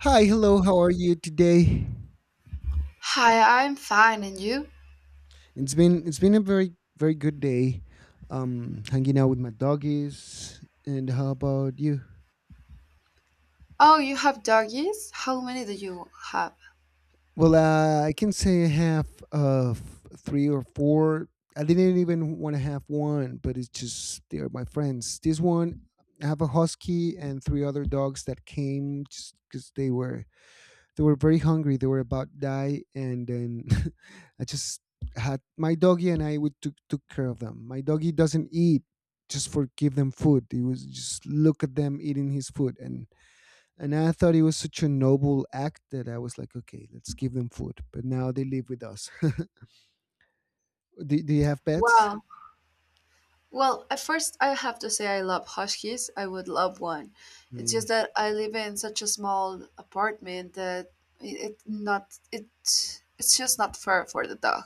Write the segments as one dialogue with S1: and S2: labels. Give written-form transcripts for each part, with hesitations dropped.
S1: Hi, hello. How are you today?
S2: Hi, I'm fine, and you?
S1: It's been a very very good day. Hanging out with my doggies. And how about you?
S2: Oh, you have doggies? How many do you have?
S1: Well, I can say I have three or four. I didn't even want to have one, but it's just they're my friends. This one, I have a husky and three other dogs that came just because they were very hungry. They were about to die, and then I just had my doggy and I would took care of them. My doggy doesn't eat; just for give them food. He was just look at them eating his food, and I thought it was such a noble act that I was like, okay, let's give them food. But now they live with us. Do you have pets?
S2: Wow. Well, at first, I have to say I love huskies. I would love one. It's
S1: Yeah.
S2: just that I live in such a small apartment that it it's just not fair for the dog.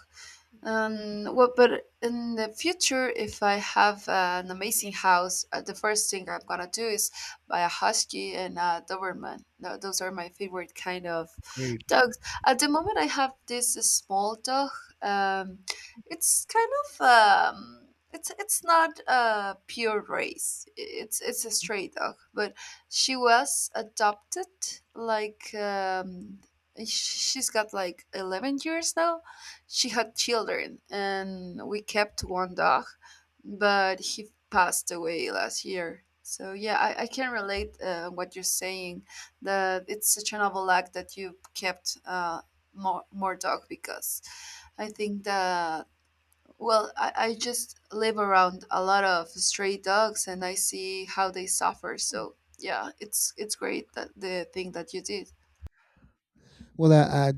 S2: Well, but in the future, if I have an amazing house, the first thing I'm gonna do is buy a husky and a Doberman. Those are my favorite kind of
S1: Great.
S2: dogs. At the moment, I have this small dog. Um, it's kind of it's not a pure race. It's a stray dog, but she was adopted like, she's got like 11 years now. She had children, and we kept one dog, but he passed away last year. So yeah, I can relate what you're saying. That it's such a noble act that you kept more dog, because I think that, well, I just live around a lot of stray dogs and I see how they suffer. So yeah, it's great, that the thing that you did.
S1: Well, I, I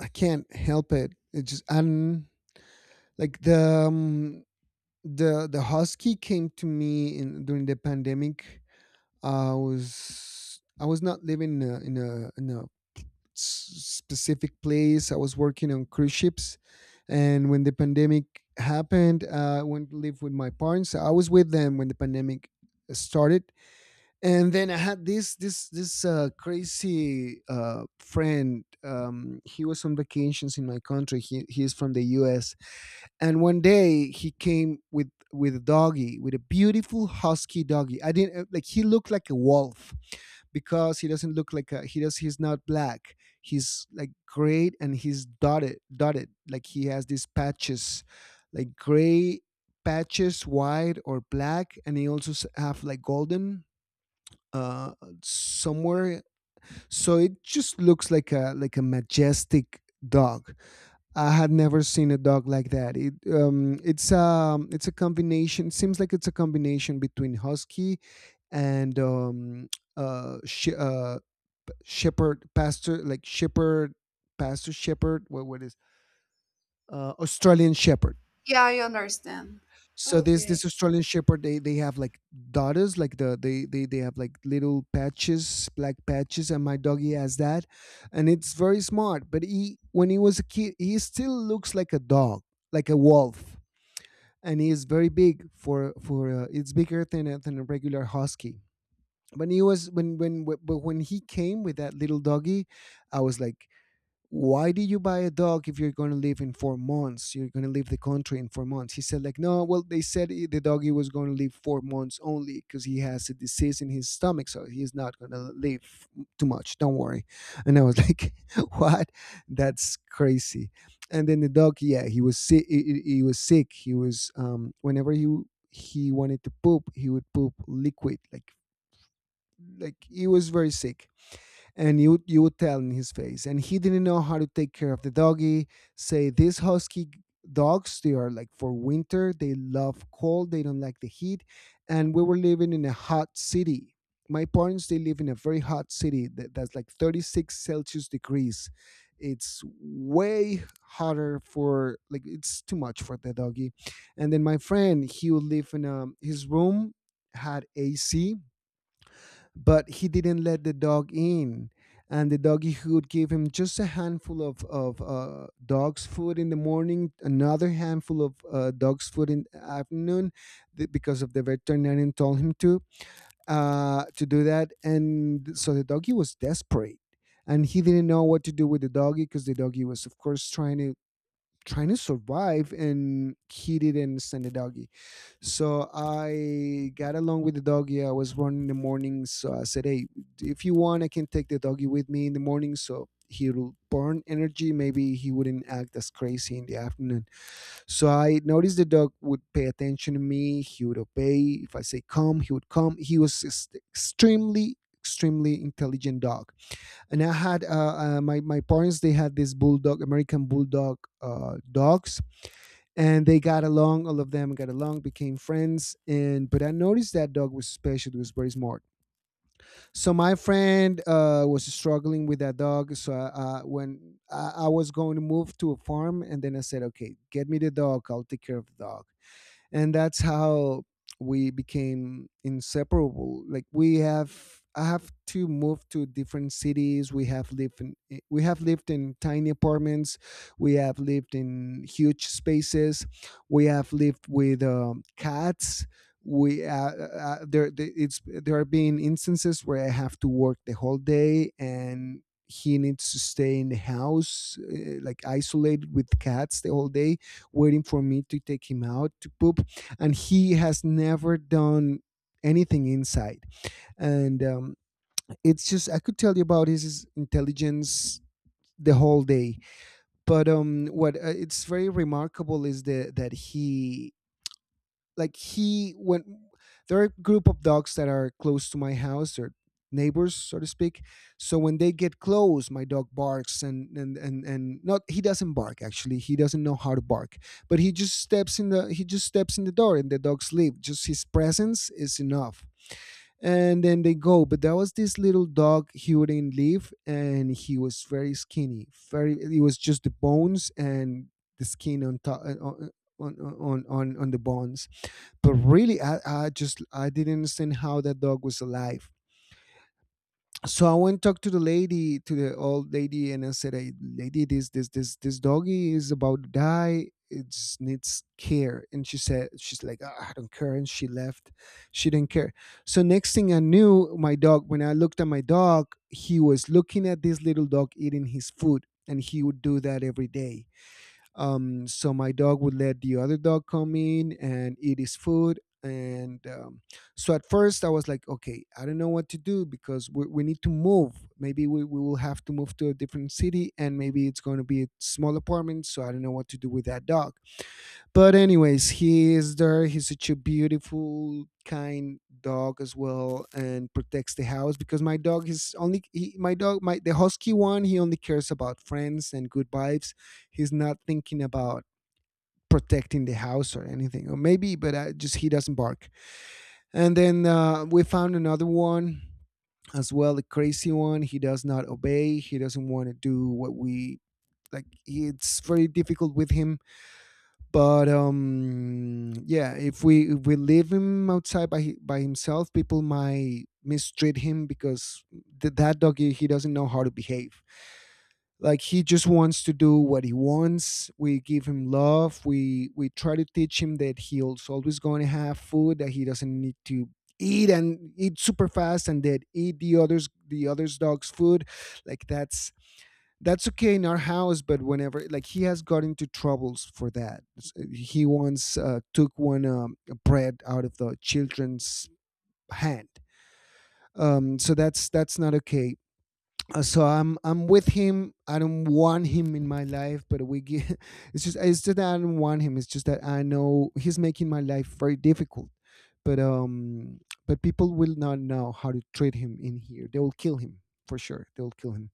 S1: I can't help it. It just. And like the um, husky came to me in during the pandemic. I was not living specific place. I was working on cruise ships, and when the pandemic happened, I went to live with my parents. I was with them when the pandemic started, and then I had this crazy friend. He was on vacations in my country. He is from the U.S. And one day he came with a doggy, with a beautiful husky doggy. I didn't like. He looked like a wolf because he doesn't look like a, he does he's not black. He's like gray, and he's dotted, dotted like he has these patches, like gray patches, white or black. And he also have like golden, uh somewhere. So it just looks like a majestic dog. I had never seen a dog like that. It's a combination. Seems like it's a combination between husky and uh, sh- uh shepherd, pastor, like shepherd, pastor, shepherd. What is, Australian shepherd?
S2: Yeah, I understand.
S1: So this
S2: Okay.
S1: Australian shepherd, they have like daughters, like they have like little patches, black patches, and my doggy has that. And it's very smart, but he, when he was a kid, he still looks like a dog, like a wolf. And he is very big for, it's bigger than a regular husky. When he was when when but when he came with that little doggy, I was like, why do you buy a dog if you're going to live in 4 months? You're going to leave the country in 4 months. He said like, no, well, they said I- the doggy was going to live 4 months only because he has a disease in his stomach, so he's not going to live too much, don't worry. And I was like, what, that's crazy. And then the dog, yeah, he was sick. He was sick. He was Whenever he wanted to poop, he would poop liquid, like he was very sick. And you would tell in his face, and he didn't know how to take care of the doggy. Say these husky dogs, they are like for winter, they love cold, they don't like the heat. And we were living in a hot city. My parents, they live in a very hot city that's like 36 celsius degrees. It's way hotter for, like, it's too much for the doggy. And then my friend, he would live in a, his room had AC, but he didn't let the dog in. And the doggy would give him just a handful of dog's food in the morning, another handful of dog's food in the afternoon. Because of the veterinarian told him to do that. And so the doggy was desperate, and he didn't know what to do with the doggy because the doggy was, of course, trying to trying to survive, and he didn't understand the doggy. So I got along with the doggy. I was running in the morning, so I said, "Hey, if you want, I can take the doggy with me in the morning." So he'll burn energy. Maybe he wouldn't act as crazy in the afternoon. So I noticed the dog would pay attention to me. He would obey. If I say come, he would come. He was just extremely extremely intelligent dog. And I had my parents, they had this bulldog, American bulldog, dogs. And they got along, all of them got along, became friends. And but I noticed that dog was special, it was very smart. So my friend, was struggling with that dog. So when I was going to move to a farm, and then I said, okay, get me the dog, I'll take care of the dog. And that's how we became inseparable. Like, we have I have to move to different cities, we have lived in we have lived in tiny apartments, we have lived in huge spaces, we have lived with cats. We there the- it's There have been instances where I have to work the whole day, and he needs to stay in the house, like isolated with cats the whole day, waiting for me to take him out to poop. And he has never done anything inside. And it's just, I could tell you about his intelligence the whole day. But what it's very remarkable is that he, like, he when there are a group of dogs that are close to my house, or neighbors so to speak, so when they get close, my dog barks, and not, he doesn't bark, actually he doesn't know how to bark. But he just steps in the door and the dogs leave, just his presence is enough. And then they go. But there was this little dog, he wouldn't leave, and he was very skinny, very it was just the bones and the skin on top, on on the bones. But really, I just I didn't understand how that dog was alive. So I went talk to the lady, to the old lady, and I said, hey lady, this doggy is about to die, it just needs care. And she said, she's like, "Ah, I don't care," and she left. She didn't care. So next thing I knew, my dog, when I looked at my dog, he was looking at this little dog eating his food. And he would do that every day. So my dog would let the other dog come in and eat his food. And so at first I was like, okay, I don't know what to do because we need to move. Maybe we will have to move to a different city, and maybe it's going to be a small apartment. So I don't know what to do with that dog. But anyways, he is there. He's such a beautiful, kind dog as well, and protects the house because my dog is only he, my dog my the husky one. He only cares about friends and good vibes. He's not thinking about protecting the house or anything, or maybe, but I just he doesn't bark. And then we found another one as well, the crazy one. He does not obey. He doesn't want to do what we like. It's very difficult with him, but yeah, if we leave him outside by himself, people might mistreat him because that doggy, he doesn't know how to behave. Like, he just wants to do what he wants. We give him love, we try to teach him that he's always going to have food, that he doesn't need to eat and eat super fast, and that eat the others dogs food. Like, that's okay in our house, but whenever, like, he has got into troubles for that. He once took one bread out of the children's hand. So that's not okay. So I'm with him. I don't want him in my life, but we get It's just that I don't want him. It's just that I know he's making my life very difficult. But but people will not know how to treat him in here. They will kill him. For sure they will kill him.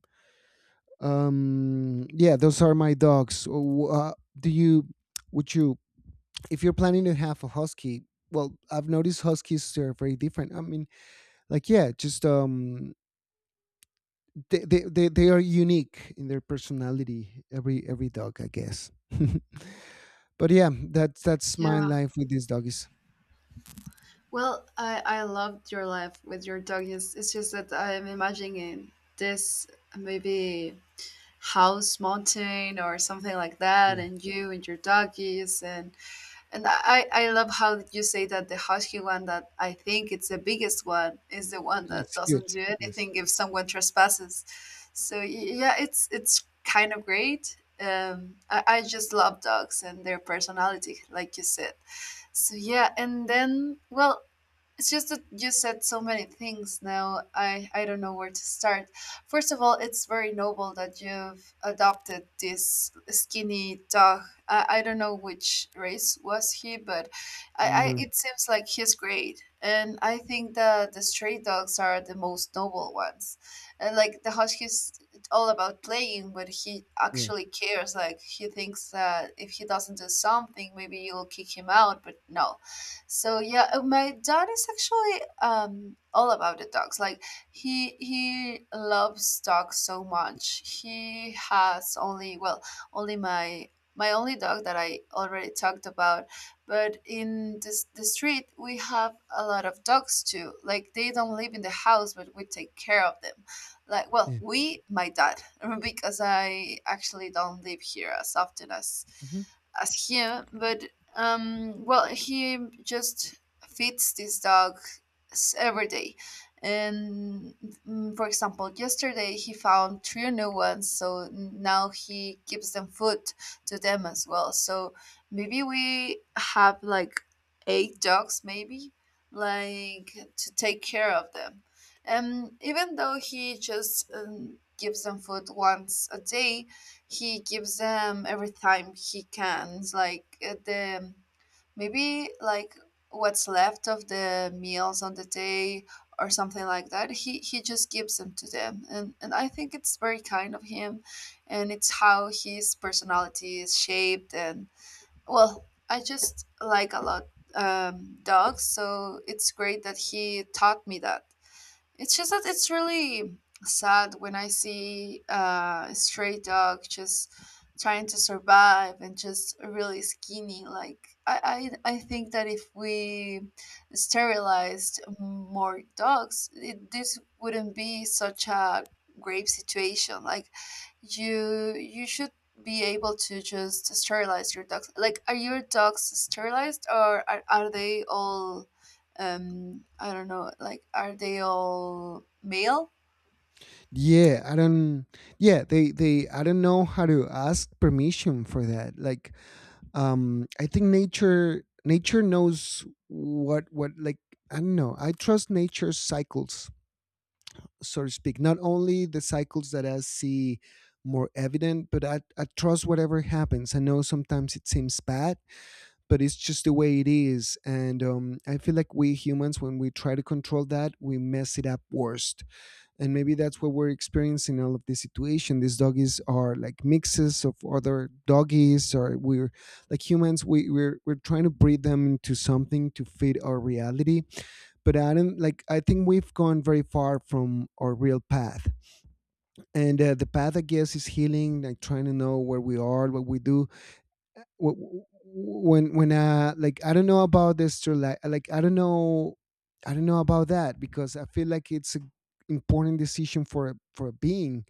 S1: yeah, those are my dogs. Do you Would you, if you're planning to have a husky... Well, I've noticed huskies are very different. I mean, like, yeah, just they are unique in their personality. Every dog, I guess. But yeah, that's my
S2: Yeah.
S1: life with these doggies.
S2: Well, I loved your life with your dog. It's just that I'm imagining this, maybe house mountain or something like
S1: Yeah,
S2: that, and you and your doggies, and I love how you say that the husky one that I think it's the biggest one is the one that
S1: it's
S2: doesn't
S1: huge,
S2: do
S1: yes.
S2: anything if someone trespasses. So yeah, it's kind of great. I just love dogs and their personality, like you said. So yeah, and then, well, it's just that you said so many things now. I don't know where to start. First of all, it's very noble that you've adopted this skinny dog. I don't know which race was he, but I
S1: No.
S2: it seems like he's great. And I think that the stray dogs are the most noble ones. And like the Husky's all about playing, but he
S1: Yeah.
S2: actually cares. Like he thinks that if he doesn't do something, maybe you'll kick him out, but no. So yeah, my dad is actually all about the dogs. Like he loves dogs so much. He has only, well, only my only dog that I already talked about. But in this the street we have a lot of dogs too. Like they don't live in the house, but we take care of them. Like, well,
S1: Yeah.
S2: we my dad because I actually don't live here as often
S1: Mhm.
S2: as him, but well, he just feeds this dog every day. And for example, yesterday he found three new ones, so now he gives them food to them as well. So maybe we have like eight dogs, maybe, like, to take care of them. And even though he just gives them food once a day, he gives them every time he can. It's like the, maybe like what's left of the meals on the day or something like that. He just gives them to them, and I think it's very kind of him, and it's how his personality is shaped. And, well, I just like a lot dogs, so it's great that he taught me that. It's just that it's really sad when I see a stray dog just trying to survive and just really skinny. Like I think that if we sterilized more dogs, it, this wouldn't be such a grave situation. Like you should be able to just sterilize your dogs. Like, are your dogs sterilized, or are they all? I don't know, like, are they all male?
S1: Yeah, I don't. Yeah, they they. I don't know how to ask permission for that. Like, I think nature knows what like. I don't know, I trust nature's cycles, so to speak. Not only the cycles that I see more evident, but I trust whatever happens. I know sometimes it seems bad, but it's just the way it is. And I feel like we humans, when we try to control that, we mess it up worse. And maybe that's what we're experiencing, all of this situation. These doggies are like mixes of other doggies, or we're like humans. We're we're trying to breed them into something to fit our reality. But I don't, like, I think we've gone very far from our real path. And the path, I guess, is healing. Like trying to know where we are, what we do. Wh- when Like, I don't know about this to, like, I don't know. I don't know about that because I feel like it's a important decision for for a being.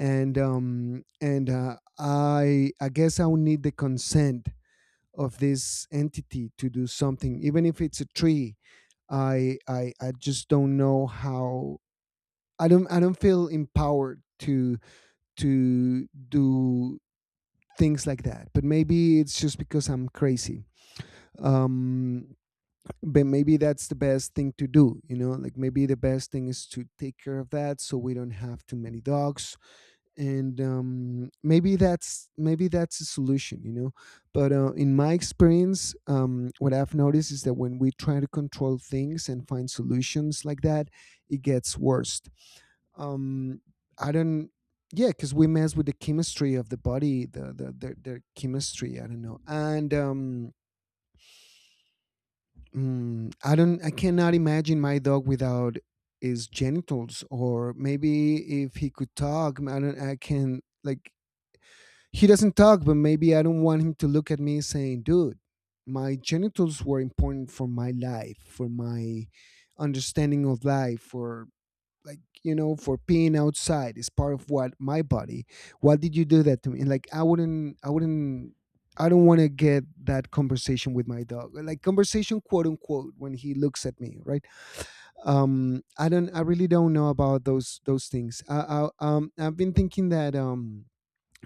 S1: And I guess I would need the consent of this entity to do something, even if it's a tree. I just don't know how. I don't feel empowered to do things like that. But maybe it's just because I'm crazy. um but maybe that's the best thing to do, you know? Like, maybe the best thing is to take care of that so we don't have too many dogs. And maybe that's a solution, you know? But in my experience, what I've noticed is that when we try to control things and find solutions like that, it gets worse. Um I don't Yeah, because we mess with the chemistry of the body, their chemistry. I don't know. And mm, I don't. I cannot imagine my dog without his genitals. Or maybe if he could talk, I don't. I can, like, he doesn't talk. But maybe I don't want him to look at me saying, "Dude, my genitals were important for my life, for my understanding of life, for, like, you know, for peeing outside is part of what my body, why did you do that to me?" And, like, I wouldn't. I don't want to get that conversation with my dog, like conversation quote unquote, when he looks at me, right? I really don't know about those things. I, I've been thinking that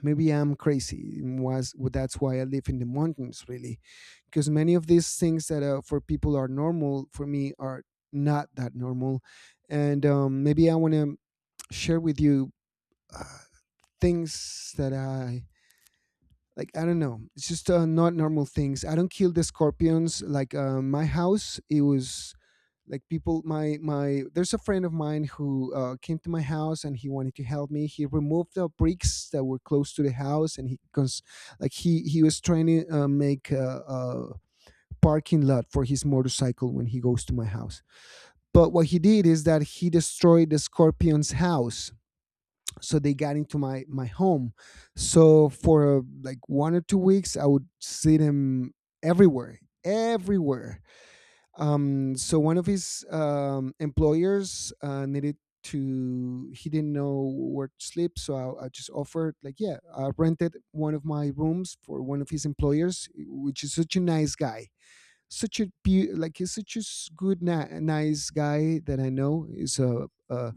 S1: maybe I'm crazy. And was Well, that's why I live in the mountains, really. Because many of these things that for people are normal, for me are not that normal. And maybe I want to share with you uh, things that I like. I don't know. It's just not normal things. I don't kill the scorpions. Like, my house, it was, like, people. My my. There's a friend of mine who came to my house and he wanted to help me. He removed the bricks that were close to the house, and he he was trying to make a parking lot for his motorcycle when he goes to my house. But what he did is that he destroyed the scorpion's house, so they got into my home. So for like 1 or 2 weeks I would see them everywhere. Everywhere. So one of his employers needed to, he didn't know where to sleep. So I just offered, like, yeah, I rented one of my rooms for one of his employers, which is such a nice guy. Such a he's such a nice guy that I know is a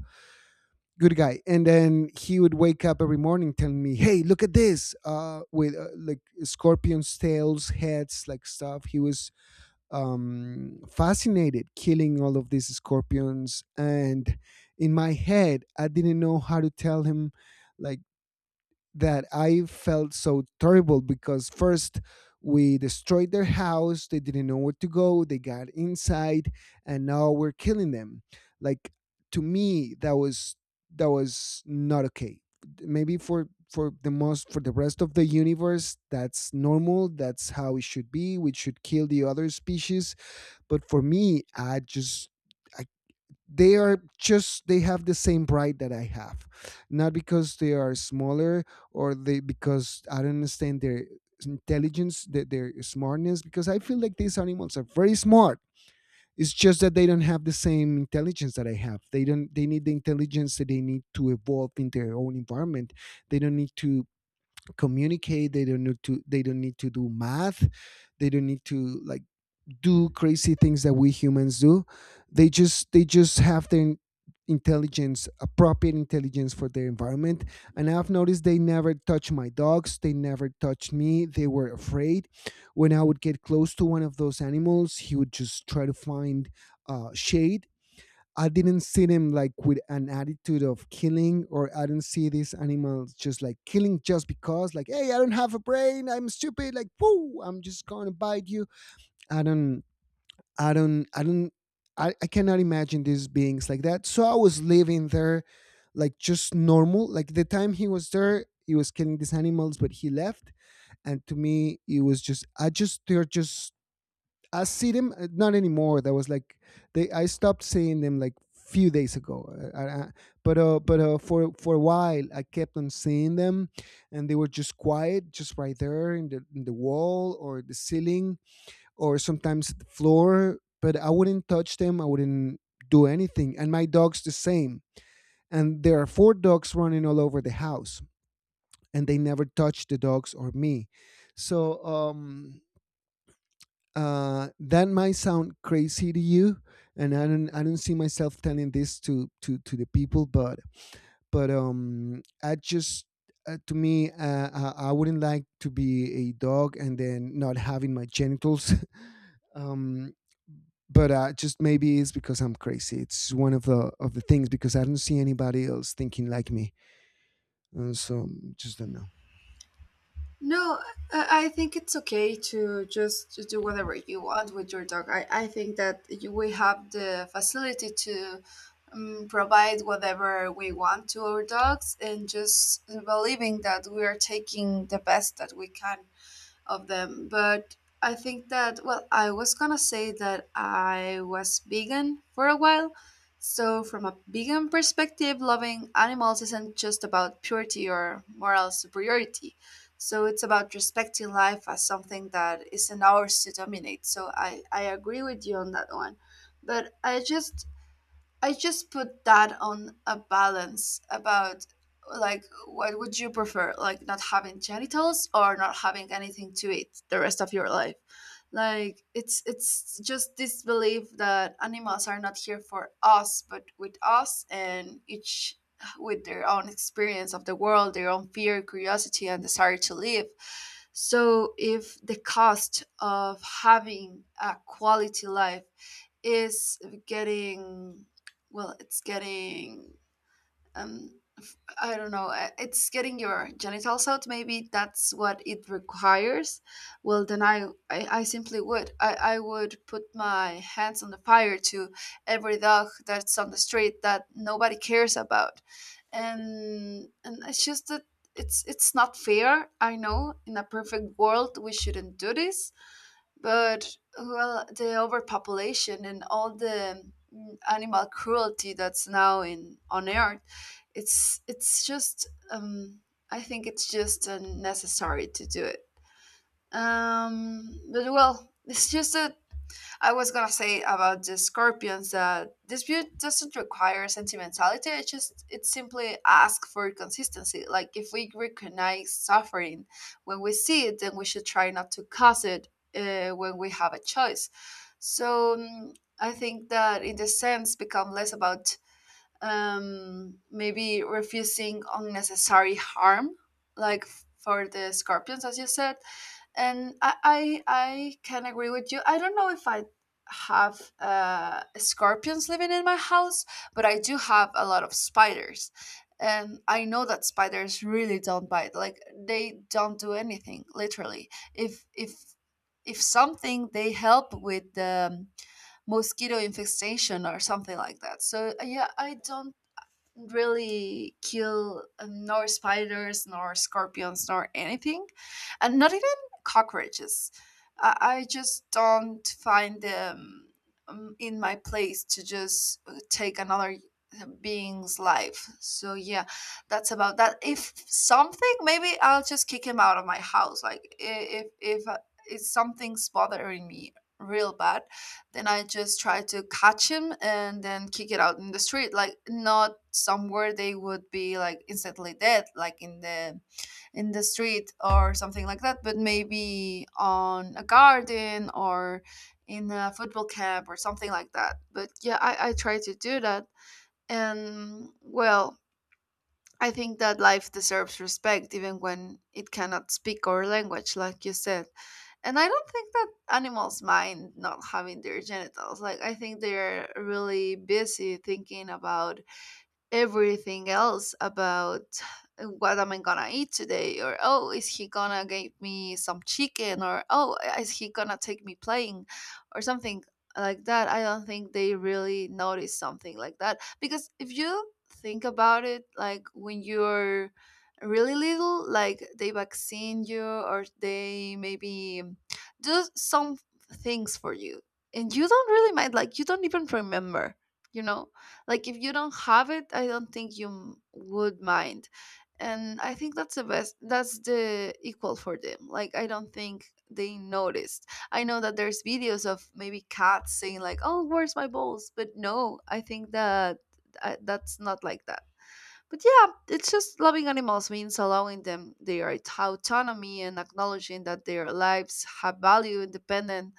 S1: good guy. And then he would wake up every morning telling me, "Hey, look at this," with like scorpions tails, heads, like stuff. He was fascinated killing all of these scorpions. And in my head, I didn't know how to tell him, like, that I felt so terrible because first we destroyed their house, they didn't know where to go, they got inside, and now we're killing them. Like, to me, that was not okay. Maybe for the most for the rest of the universe, that's normal. That's how it should be. We should kill the other species. But for me, I just, I, they are just, they have the same pride that I have. Not because they are smaller, or they, because I don't understand their intelligence, their smartness. Because I feel like these animals are very smart. It's just that they don't have the same intelligence that I have. They don't. They need the intelligence that they need to evolve in their own environment. They don't need to communicate. They don't need to. They don't need to do math. They don't need to, like, do crazy things that we humans do. They just have their intelligence, appropriate intelligence for their environment. And I've noticed they never touch my dogs. They never touched me. They were afraid. When I would get close to one of those animals, he would just try to find shade. I didn't see him, like, with an attitude of killing, or I didn't see these animals just, like, killing just because, like, hey, I don't have a brain, I'm stupid, like, woo, I'm just gonna bite you. I don't, I don't, I don't, I cannot imagine these beings like that. So I was living there, like, just normal. Like the time he was there, he was killing these animals, but he left. And to me, it was just, I just, they're just, I see them not anymore. That was like, I stopped seeing them like few days ago. I, but For a while, I kept on seeing them, and they were just quiet, just right there in the wall or the ceiling or sometimes the floor. But I wouldn't touch them. I wouldn't do anything. And my dog's the same. And there are four dogs running all over the house, and they never touch the dogs or me. So that might sound crazy to you, and I don't see myself telling this to the people. But I just to me, I wouldn't like to be a dog and then not having my genitals. um but just maybe it's because I'm crazy. It's one of the things, because I don't see anybody else thinking like me, and so just don't know.
S2: No, I think it's okay to just to do whatever you want with your dog. I think that you, we have the facility to provide whatever we want to our dogs and just believing that we are taking the best that we can of them. But I think that, well, I was gonna say that I was vegan for a while. So, from a vegan perspective, loving animals isn't just about purity or moral superiority. So, it's about respecting life as something that isn't ours to dominate. So, I agree with you on that one. But I just, I just put that on a balance about, like, what would you prefer, like not having genitals or not having anything to eat the rest of your life? Like, it's just this belief that animals are not here for us but with us, and each with their own experience of the world, their own fear, curiosity, and desire to live. So if the cost of having a quality life is getting, well, it's getting, um I don't know, it's getting your genitals out, maybe that's what it requires. Well, then I simply would. I would put my hands on the fire to every dog that's on the street that nobody cares about. And it's just that it's not fair. I know in a perfect world we shouldn't do this, but, well, the overpopulation and all the animal cruelty that's now in on Earth, it's just I think it's just unnecessary to do it. But, well, it's just a, I was gonna say about the scorpions that this view doesn't require sentimentality. It just, it simply asks for consistency. Like if we recognize suffering when we see it, then we should try not to cause it when we have a choice. So I think that in the sense become less about maybe refusing unnecessary harm, like for the scorpions, as you said, and I can agree with you. I don't know if I have scorpions living in my house, but I do have a lot of spiders, and I know that spiders really don't bite. Like they don't do anything, literally. If if something, they help with the mosquito infestation or something like that. So yeah, I don't really kill nor spiders nor scorpions nor anything, and not even cockroaches. I just don't find them in my place to just take another being's life. So yeah, that's about that. If something, maybe I'll just kick him out of my house. Like if if if something's bothering me real bad, then I just try to catch him and then kick it out in the street, like not somewhere they would be like instantly dead, like in the street or something like that, but maybe on a garden or in a football camp or something like that. But yeah, I try to do that. And, well, I think that life deserves respect even when it cannot speak our language, like you said. And I don't think that animals mind not having their genitals. Like, I think they're really busy thinking about everything else, about what am I gonna eat today, or oh, is he gonna give me some chicken, or oh, is he gonna take me playing, or something like that. I don't think they really notice something like that, because if you think about it, like when you're really little, like they vaccine you, or they maybe do some things for you, and you don't really mind, like you don't even remember, you know, like if you don't have it, I don't think you would mind. And I think that's the best, that's the equal for them. Like I don't think they noticed. I know that there's videos of maybe cats saying like, "Oh, where's my balls?" But no, I think that that's not like that. But yeah, it's just loving animals means allowing them their autonomy and acknowledging that their lives have value, independent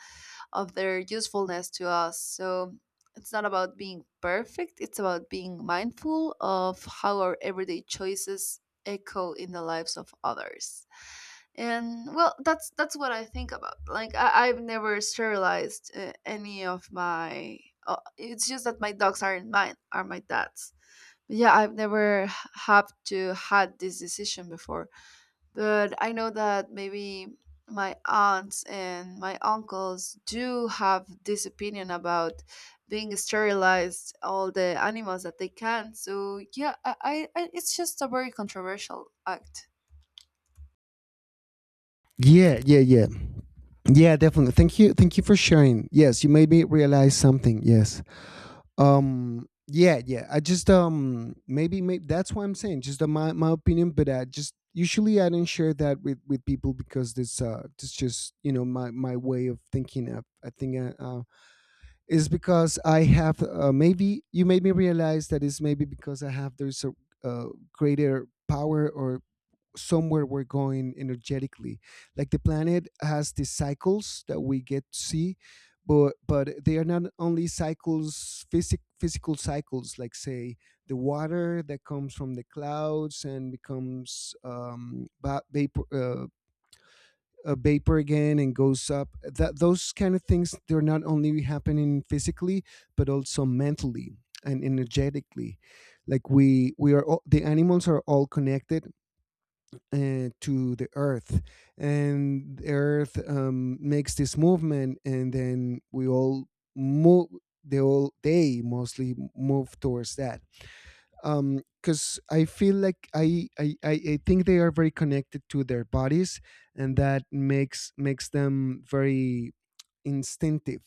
S2: of their usefulness to us. So it's not about being perfect, it's about being mindful of how our everyday choices echo in the lives of others. And, well, that's what I think about. Like I, I've never sterilized any of my. It's just that my dogs aren't mine, are my dad's. But yeah, I've never h- have to had this decision before, but I know that maybe my aunts and my uncles do have this opinion about being sterilized all the animals that they can. So yeah, I it's just a very controversial act.
S1: Yeah, yeah, yeah, yeah. Definitely. Thank you for sharing. Yes, you made me realize something. Yes. Yeah, yeah. I just maybe that's why I'm saying. Just my my opinion. But I just, usually I don't share that with people, because this this just, you know, my way of thinking. I think is because I have maybe you made me realize that, is maybe because I have, there's a uh, greater power or somewhere we're going energetically. Like the planet has these cycles that we get to see. But they are not only cycles, physical cycles, like, say, the water that comes from the clouds and becomes vapor, a vapor again, and goes up. That those kind of things, they're not only happening physically, but also mentally and energetically. Like we are all, the animals are all connected to the earth. And the earth makes this movement, and then we all move. They all, they mostly move towards that. Because I feel like I think they are very connected to their bodies. And that makes them very instinctive.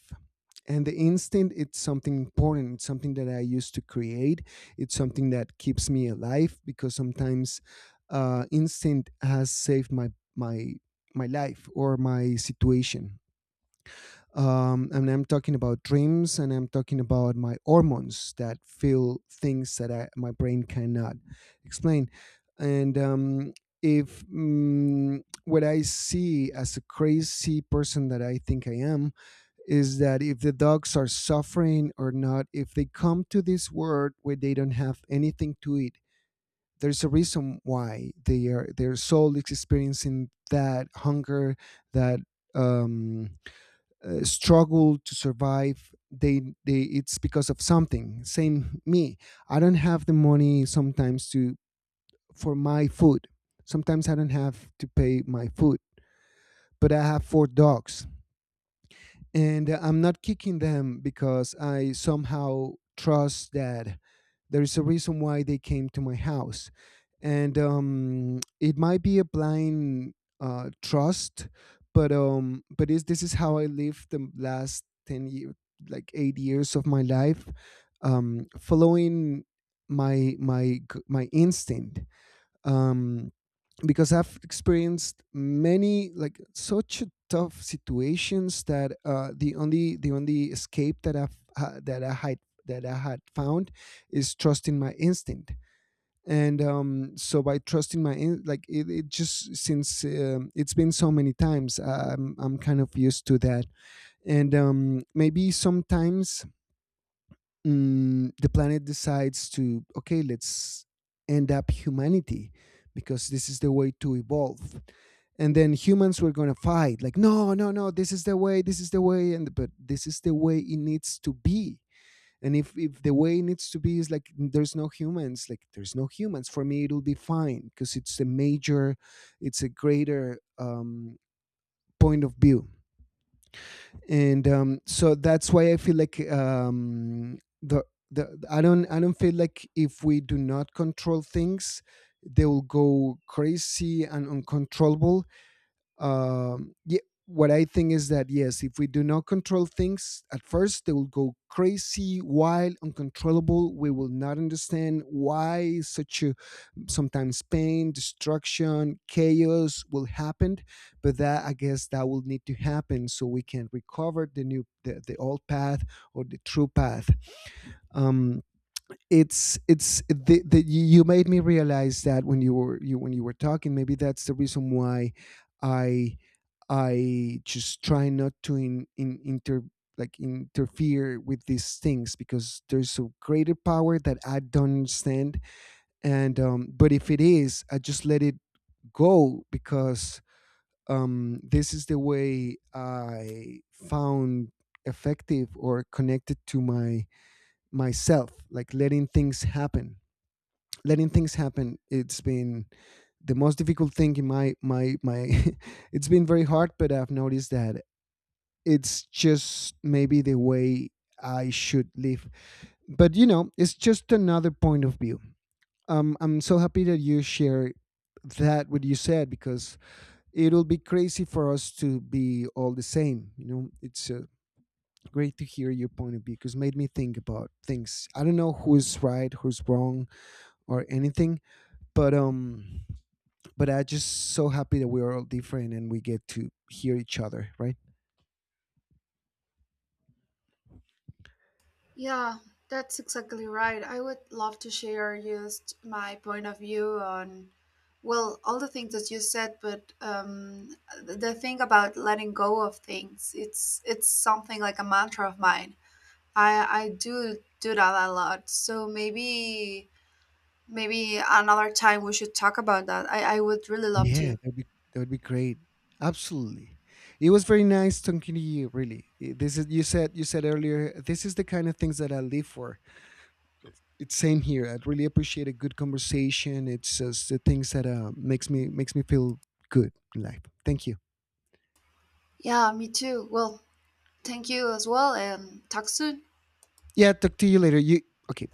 S1: And the instinct, it's something important. It's something that I used to create. It's something that keeps me alive, because sometimes instinct has saved my my my life or my situation. And I'm talking about dreams, and I'm talking about my hormones, that feel things that my brain cannot explain. And if what I see as a crazy person that I think I am is that if the dogs are suffering or not, if they come to this world where they don't have anything to eat, there's a reason why they are their soul is experiencing that hunger, that um, struggle to survive, they it's because of something, same me. I don't have the money sometimes to for my food. Sometimes I don't have to pay my food, but I have four dogs. And I'm not kicking them because I somehow trust that there is a reason why they came to my house, and it might be a blind trust, but is this is how I lived the last 10 years, like 8 years of my life, following my instinct. Um, because I've experienced many like such a tough situations that the only escape that I've ha- that I had found is trusting my instinct. And so by trusting like it just since it's been so many times, I'm kind of used to that. And maybe sometimes the planet decides to, okay, let's end up humanity because this is the way to evolve. And then humans were going to fight like, no, no, no, this is the way, this is the way, and but this is the way it needs to be. And if the way it needs to be is like there's no humans, like there's no humans, for me it'll be fine because it's a major, it's a greater point of view. And so that's why I feel like, the I don't feel like if we do not control things, they will go crazy and uncontrollable. Yeah, what I think is that, yes, if we do not control things at first, they will go crazy, wild, uncontrollable. We will not understand why such a sometimes pain, destruction, chaos will happen, but that, I guess, that will need to happen so we can recover the new, the old path, or the true path. um it's the you made me realize that, when you were talking, maybe that's the reason why i I just try not to in inter like interfere with these things, because there's a greater power that I don't understand. And but if it is, I just let it go, because this is the way I found effective or connected to my myself, like letting things happen. Letting things happen, it's been the most difficult thing in my it's been very hard, but I've noticed that it's just maybe the way I should live. But, it's just another point of view. I'm so happy that you share that what you said, because it'll be crazy for us to be all the same. It's great to hear your point of view because made me think about things. I don't know who's right, who's wrong, or anything, but um, but I just so happy that we are all different and we get to hear each other, right?
S2: Yeah, that's exactly right. I would love to share just my point of view on, well, all the things that you said, but the thing about letting go of things, it's something like a mantra of mine. I do do that a lot. So maybe maybe another time we should talk about that. I would really love
S1: Yeah,
S2: to.
S1: that'd be great. Absolutely. It was very nice talking to you. Really, this is, you said earlier, this is the kind of things that I live for. It's same here. I really appreciate a good conversation. It's just the things that makes me feel good in life. Thank you.
S2: Yeah, me too. Well, thank you as well, and talk soon.
S1: Yeah, talk to you later. You okay?